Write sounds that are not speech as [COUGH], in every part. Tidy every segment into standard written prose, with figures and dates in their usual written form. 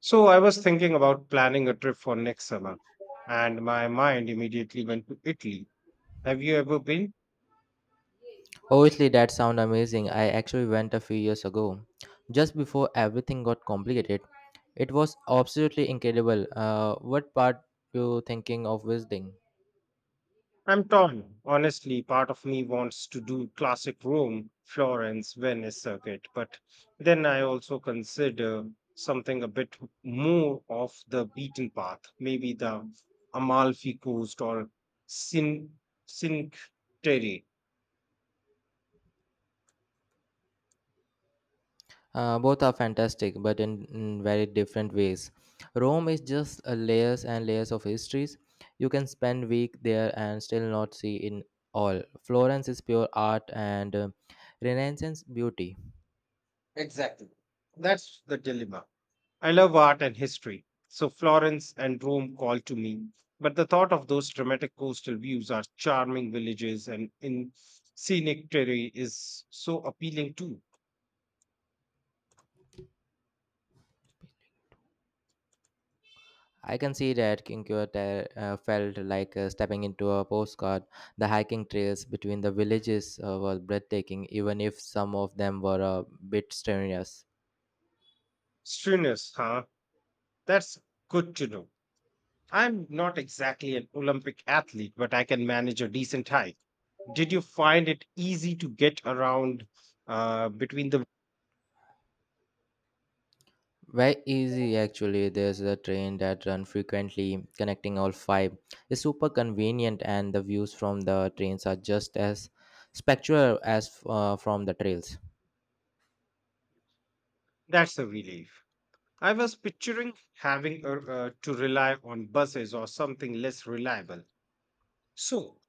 So I was thinking about planning a trip for next summer, and my mind immediately went to Italy. Have you ever been? Obviously, that sounds amazing. I actually went a few years ago, just before everything got complicated. It was absolutely incredible. What part you thinking of visiting? I'm torn. Honestly, part of me wants to do classic Rome, Florence, Venice circuit, but then I also consider something a bit more off the beaten path, maybe the Amalfi Coast or Sin Cinque Terre. Both are fantastic, but in very different ways. Rome is just layers and layers of histories. You can spend week there and still not see in all. Florence is pure art and Renaissance beauty. Exactly. That's the dilemma. I love art and history, so Florence and Rome call to me. But the thought of those dramatic coastal views, our charming villages, and in scenic terrain is so appealing too. I can see that Kinkyo felt like stepping into a postcard. The hiking trails between the villages were breathtaking, even if some of them were a bit strenuous. Strenuous, huh? That's good to know. I'm not exactly an Olympic athlete, but I can manage a decent hike. Did you find it easy to get around between the? Very easy, actually. There's a train that runs frequently, connecting all five. It's super convenient, and the views from the trains are just as spectral as from the trails. That's a relief. I was picturing having to rely on buses or something less reliable. So,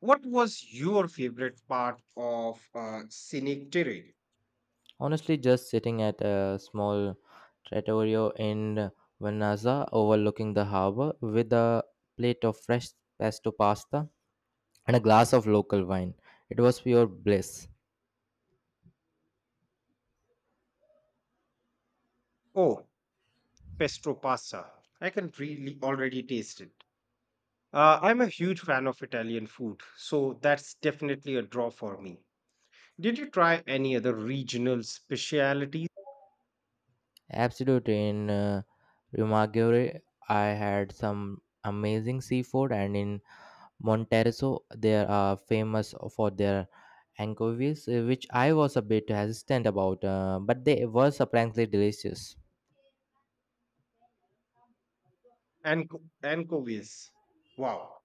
what was your favorite part of scenic terrain? Honestly, just sitting at a small trattoria in Vanaza overlooking the harbor with a plate of fresh pesto pasta and a glass of local wine. It was pure bliss. Oh, pesto pasta. I can really already taste it. I'm a huge fan of Italian food, so that's definitely a draw for me. Did you try any other regional specialities? Absolutely. In Rumaggiore, I had some amazing seafood, and in Monterroso, they are famous for their anchovies, which I was a bit hesitant about, but they were surprisingly delicious. Anchovies. Wow,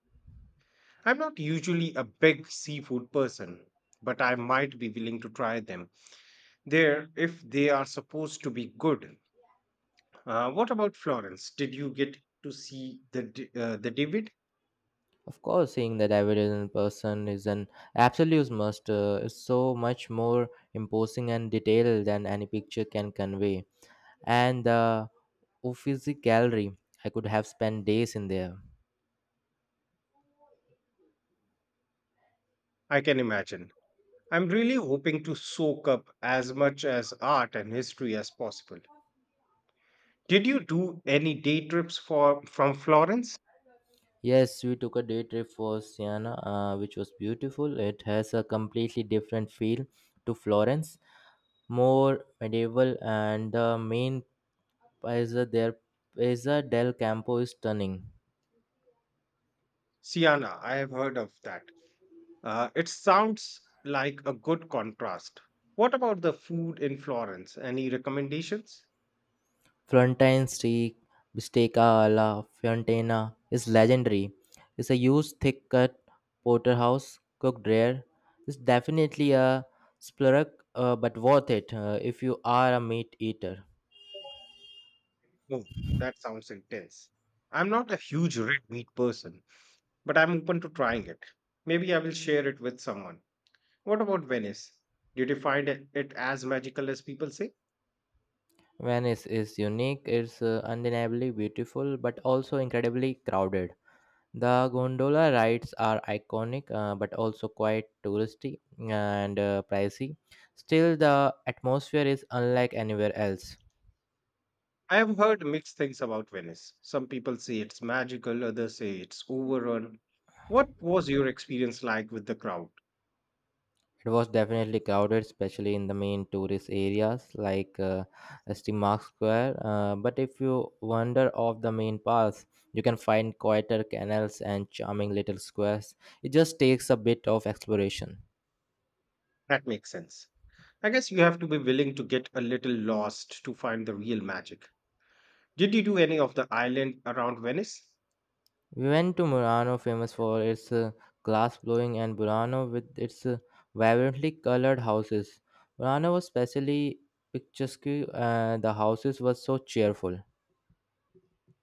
I'm not usually a big seafood person, but I might be willing to try them there if they are supposed to be good. What about Florence? Did you get to see the David? Of course, seeing that evidence in person is an absolute must. It's so much more imposing and detailed than any picture can convey. And the Uffizi Gallery, I could have spent days in there. I can imagine. I'm really hoping to soak up as much as art and history as possible. Did you do any day trips for from Florence? Yes, we took a day trip for Siena, which was beautiful. It has a completely different feel to Florence, more medieval, and the main Piazza there, Piazza del Campo is stunning. Siena, I have heard of that. It sounds like a good contrast. What about the food in Florence? Any recommendations? Florentine steak, bisteca alla Fiorentina is legendary. It's a huge, thick-cut porterhouse cooked rare. It's definitely a splurge, but worth it if you are a meat eater. Oh, that sounds intense. I'm not a huge red meat person, but I'm open to trying it. Maybe I will share it with someone. What about Venice? Did you find it as magical as people say? Venice is unique. It's undeniably beautiful, but also incredibly crowded. The gondola rides are iconic, but also quite touristy and pricey. Still, the atmosphere is unlike anywhere else. I have heard mixed things about Venice. Some people say it's magical, others say it's overrun. What was your experience like with the crowd? It was definitely crowded, especially in the main tourist areas like Steemark Square. But if you wander off the main paths, you can find quieter canals and charming little squares. It just takes a bit of exploration. That makes sense. I guess you have to be willing to get a little lost to find the real magic. Did you do any of the island around Venice? We went to Murano, famous for its glass blowing, and Burano with its vibrantly colored houses. Murano was especially picturesque. The houses were so cheerful.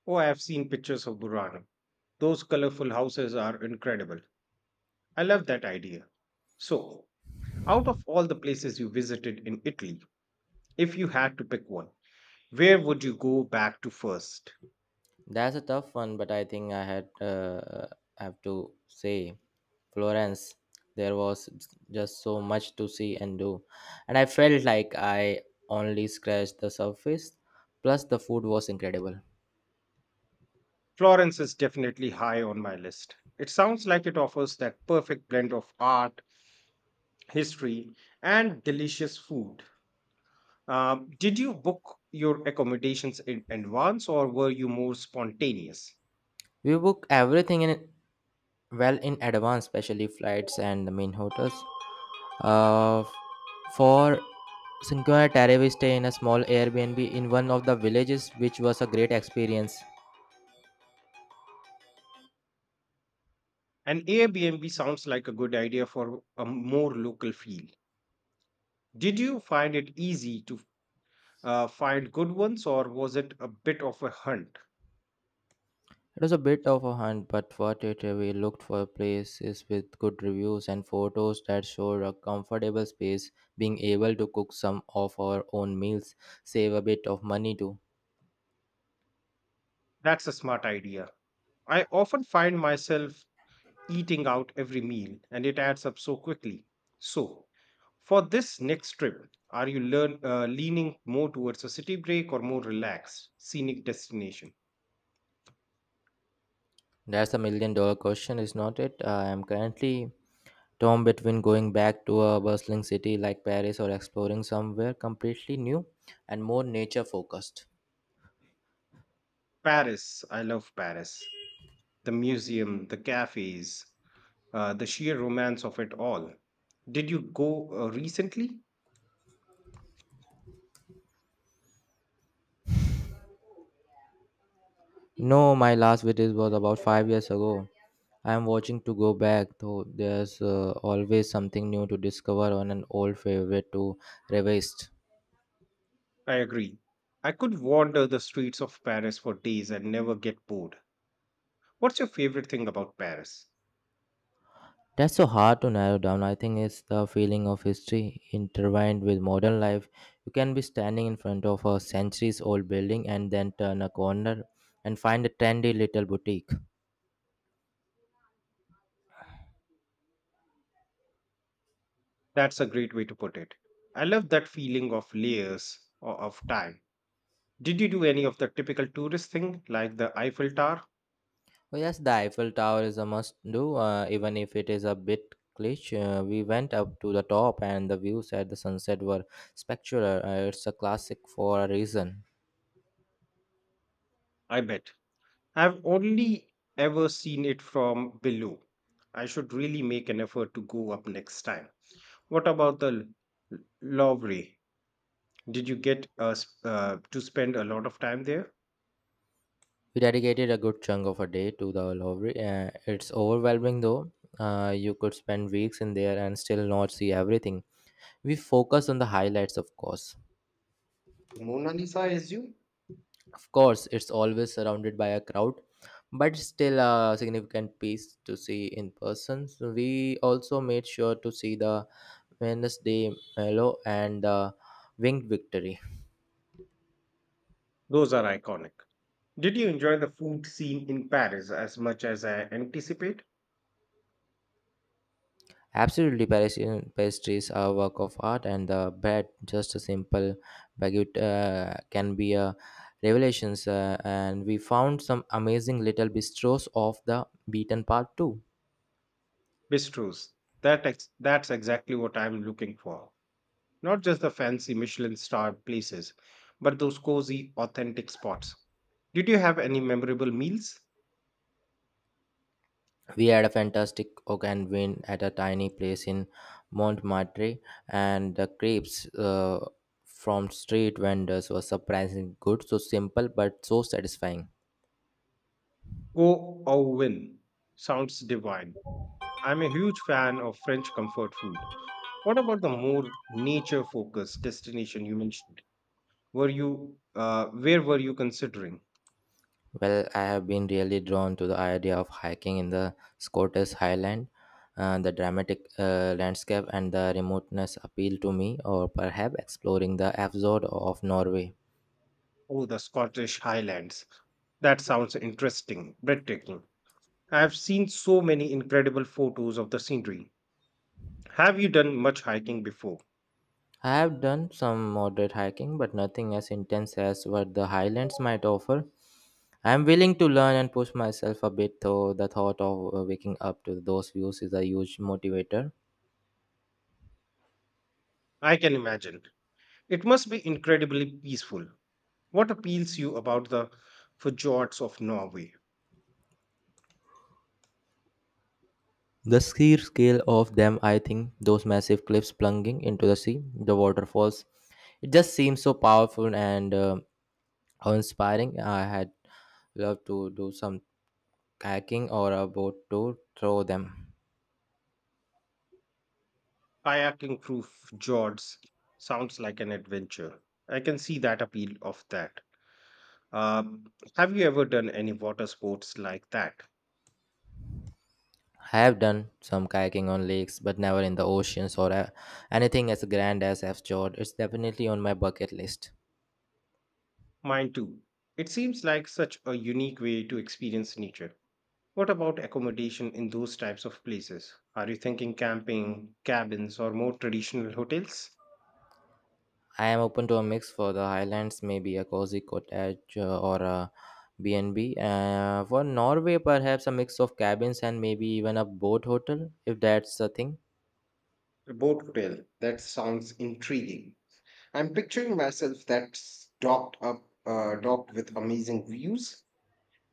Oh, I have seen pictures of Burano. Those colorful houses are incredible. I love that idea. So, out of all the places you visited in Italy, if you had to pick one, where would you go back to first? That's a tough one, but I think I had have to say Florence. There was just so much to see and do, and I felt like I only scratched the surface. Plus, the food was incredible. Florence is definitely high on my list. It sounds like it offers that perfect blend of art, history, and delicious food. Did you book your accommodations in advance or were you more spontaneous? We booked everything in well in advance, especially flights and the main hotels. Uh, for Cinque Terre, we stay in a small Airbnb in one of the villages, which was a great experience. An Airbnb sounds like a good idea for a more local feel. Did you find it easy to find good ones or was it a bit of a hunt? It was a bit of a hunt, but worth it. We looked for places with good reviews and photos that showed a comfortable space, being able to cook some of our own meals, save a bit of money too. That's a smart idea. I often find myself eating out every meal and it adds up so quickly. So, for this next trip, are you leaning more towards a city break or more relaxed, scenic destination? That's a million dollar question, is not it? I am currently torn between going back to a bustling city like Paris or exploring somewhere completely new and more nature focused. Paris, I love Paris. The museum, the cafes, the sheer romance of it all. Did you go recently? No, my last video was about 5 years ago. I am watching to go back, though there's always something new to discover on an old favorite to revisit. I agree. I could wander the streets of Paris for days and never get bored. What's your favorite thing about Paris? That's so hard to narrow down. I think it's the feeling of history intertwined with modern life. You can be standing in front of a centuries old building and then turn a corner and find a trendy little boutique. That's a great way to put it. I love that feeling of layers or of time. Did you do any of the typical tourist thing like the Eiffel Tower? Oh, yes, the Eiffel Tower is a must do, even if it is a bit glitch. We went up to the top, and the views at the sunset were spectacular. It's a classic for a reason. I bet. I've only ever seen it from below. I should really make an effort to go up next time. What about the Louvre? Did you get to spend a lot of time there? We dedicated a good chunk of a day to the Louvre. It's overwhelming though. You could spend weeks in there and still not see everything. We focus on the highlights, of course. The Mona Lisa, I you. Of course, it's always surrounded by a crowd, but still a significant piece to see in person. So we also made sure to see the Wednesday Mellow and the Winged Victory. Those are iconic. Did you enjoy the food scene in Paris as much as I anticipate? Absolutely, Parisian pastries are a work of art, and the bread, just a simple baguette, can be a revelations. And we found some amazing little bistros off the beaten path too. Bistros. That's exactly what I'm looking for. Not just the fancy Michelin starred places, but those cozy, authentic spots. Did you have any memorable meals? We had a fantastic oak and win at a tiny place in Montmartre, and the crepes from street vendors were surprisingly good. So simple but so satisfying. Go au vin. Sounds divine. I'm a huge fan of French comfort food. What about the more nature focused destination you mentioned? Were you where were you considering? Well, I have been really drawn to the idea of hiking in the Scottish Highland. The dramatic landscape and the remoteness appeal to me, or perhaps exploring the fjord of Norway. Oh, the Scottish Highlands. That sounds interesting, breathtaking. I have seen so many incredible photos of the scenery. Have you done much hiking before? I have done some moderate hiking, but nothing as intense as what the Highlands might offer. I am willing to learn and push myself a bit, though the thought of waking up to those views is a huge motivator. I can imagine. It must be incredibly peaceful. What appeals you about the fjords of Norway? The sheer scale of them, I think, those massive cliffs plunging into the sea, the waterfalls, it just seems so powerful and how inspiring. I had loved to do some kayaking or a boat tour through them. Kayaking through fjords sounds like an adventure. I can see that appeal of that. Um, have you ever done any water sports like that? I have done some kayaking on lakes, but never in the oceans or anything as grand as I've it's definitely on my bucket list. Mine too. It seems like such a unique way to experience nature. What about accommodation in those types of places? Are you thinking camping, cabins, or more traditional hotels? I am open to a mix. For the Highlands, maybe a cozy cottage or a bnb for Norway, perhaps a mix of cabins and maybe even a boat hotel if that's the thing. A boat hotel. That sounds intriguing. I'm picturing myself that's docked with amazing views.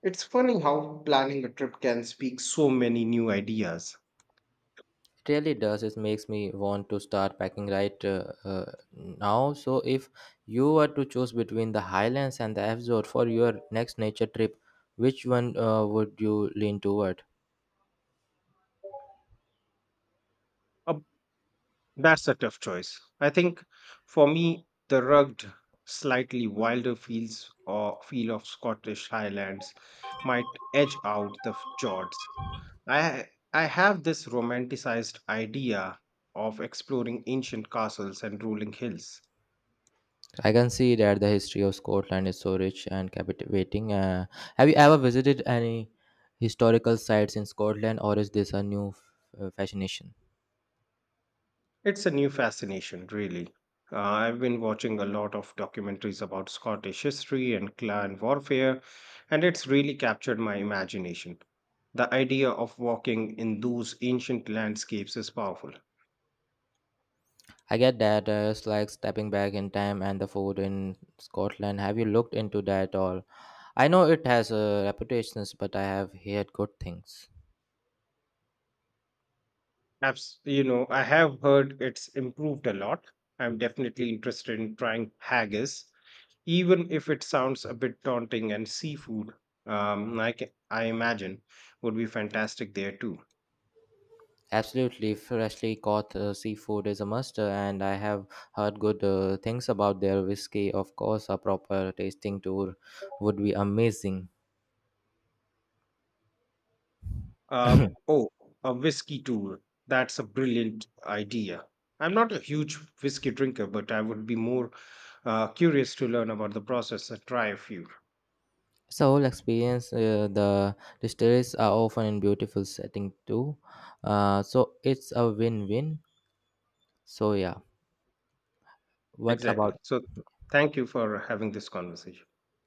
It's funny how planning a trip can speak so many new ideas. Really does. It makes me want to start packing right now. So if you were to choose between the Highlands and the absor for your next nature trip, which one would you lean toward? That's a tough choice. I think for me, the rugged, slightly wilder fields or feel of Scottish Highlands might edge out the fjords. I have this romanticized idea of exploring ancient castles and rolling hills. I can see that. The history of Scotland is so rich and captivating. Have you ever visited any historical sites in Scotland, or is this a new fascination? It's a new fascination, really. I've been watching a lot of documentaries about Scottish history and clan warfare, and it's really captured my imagination. The idea of walking in those ancient landscapes is powerful. I get that, it's like stepping back in time. And the food in Scotland, have you looked into that all? I know it has reputations, but I have heard good things. You know, I have heard it's improved a lot. I'm definitely interested in trying haggis, even if it sounds a bit daunting, and seafood, like I imagine would be fantastic there too. Absolutely, freshly caught seafood is a must, and I have heard good things about their whiskey. Of course, a proper tasting tour would be amazing. [COUGHS] Uh, [CLEARS THROAT] oh, a whiskey tour. That's a brilliant idea. I'm not a huge whiskey drinker, but I would be more curious to learn about the process and try a few. It's a whole experience, the distilleries are often in beautiful setting too. So it's a win-win. So yeah, what Exactly. about So, thank you for having this conversation.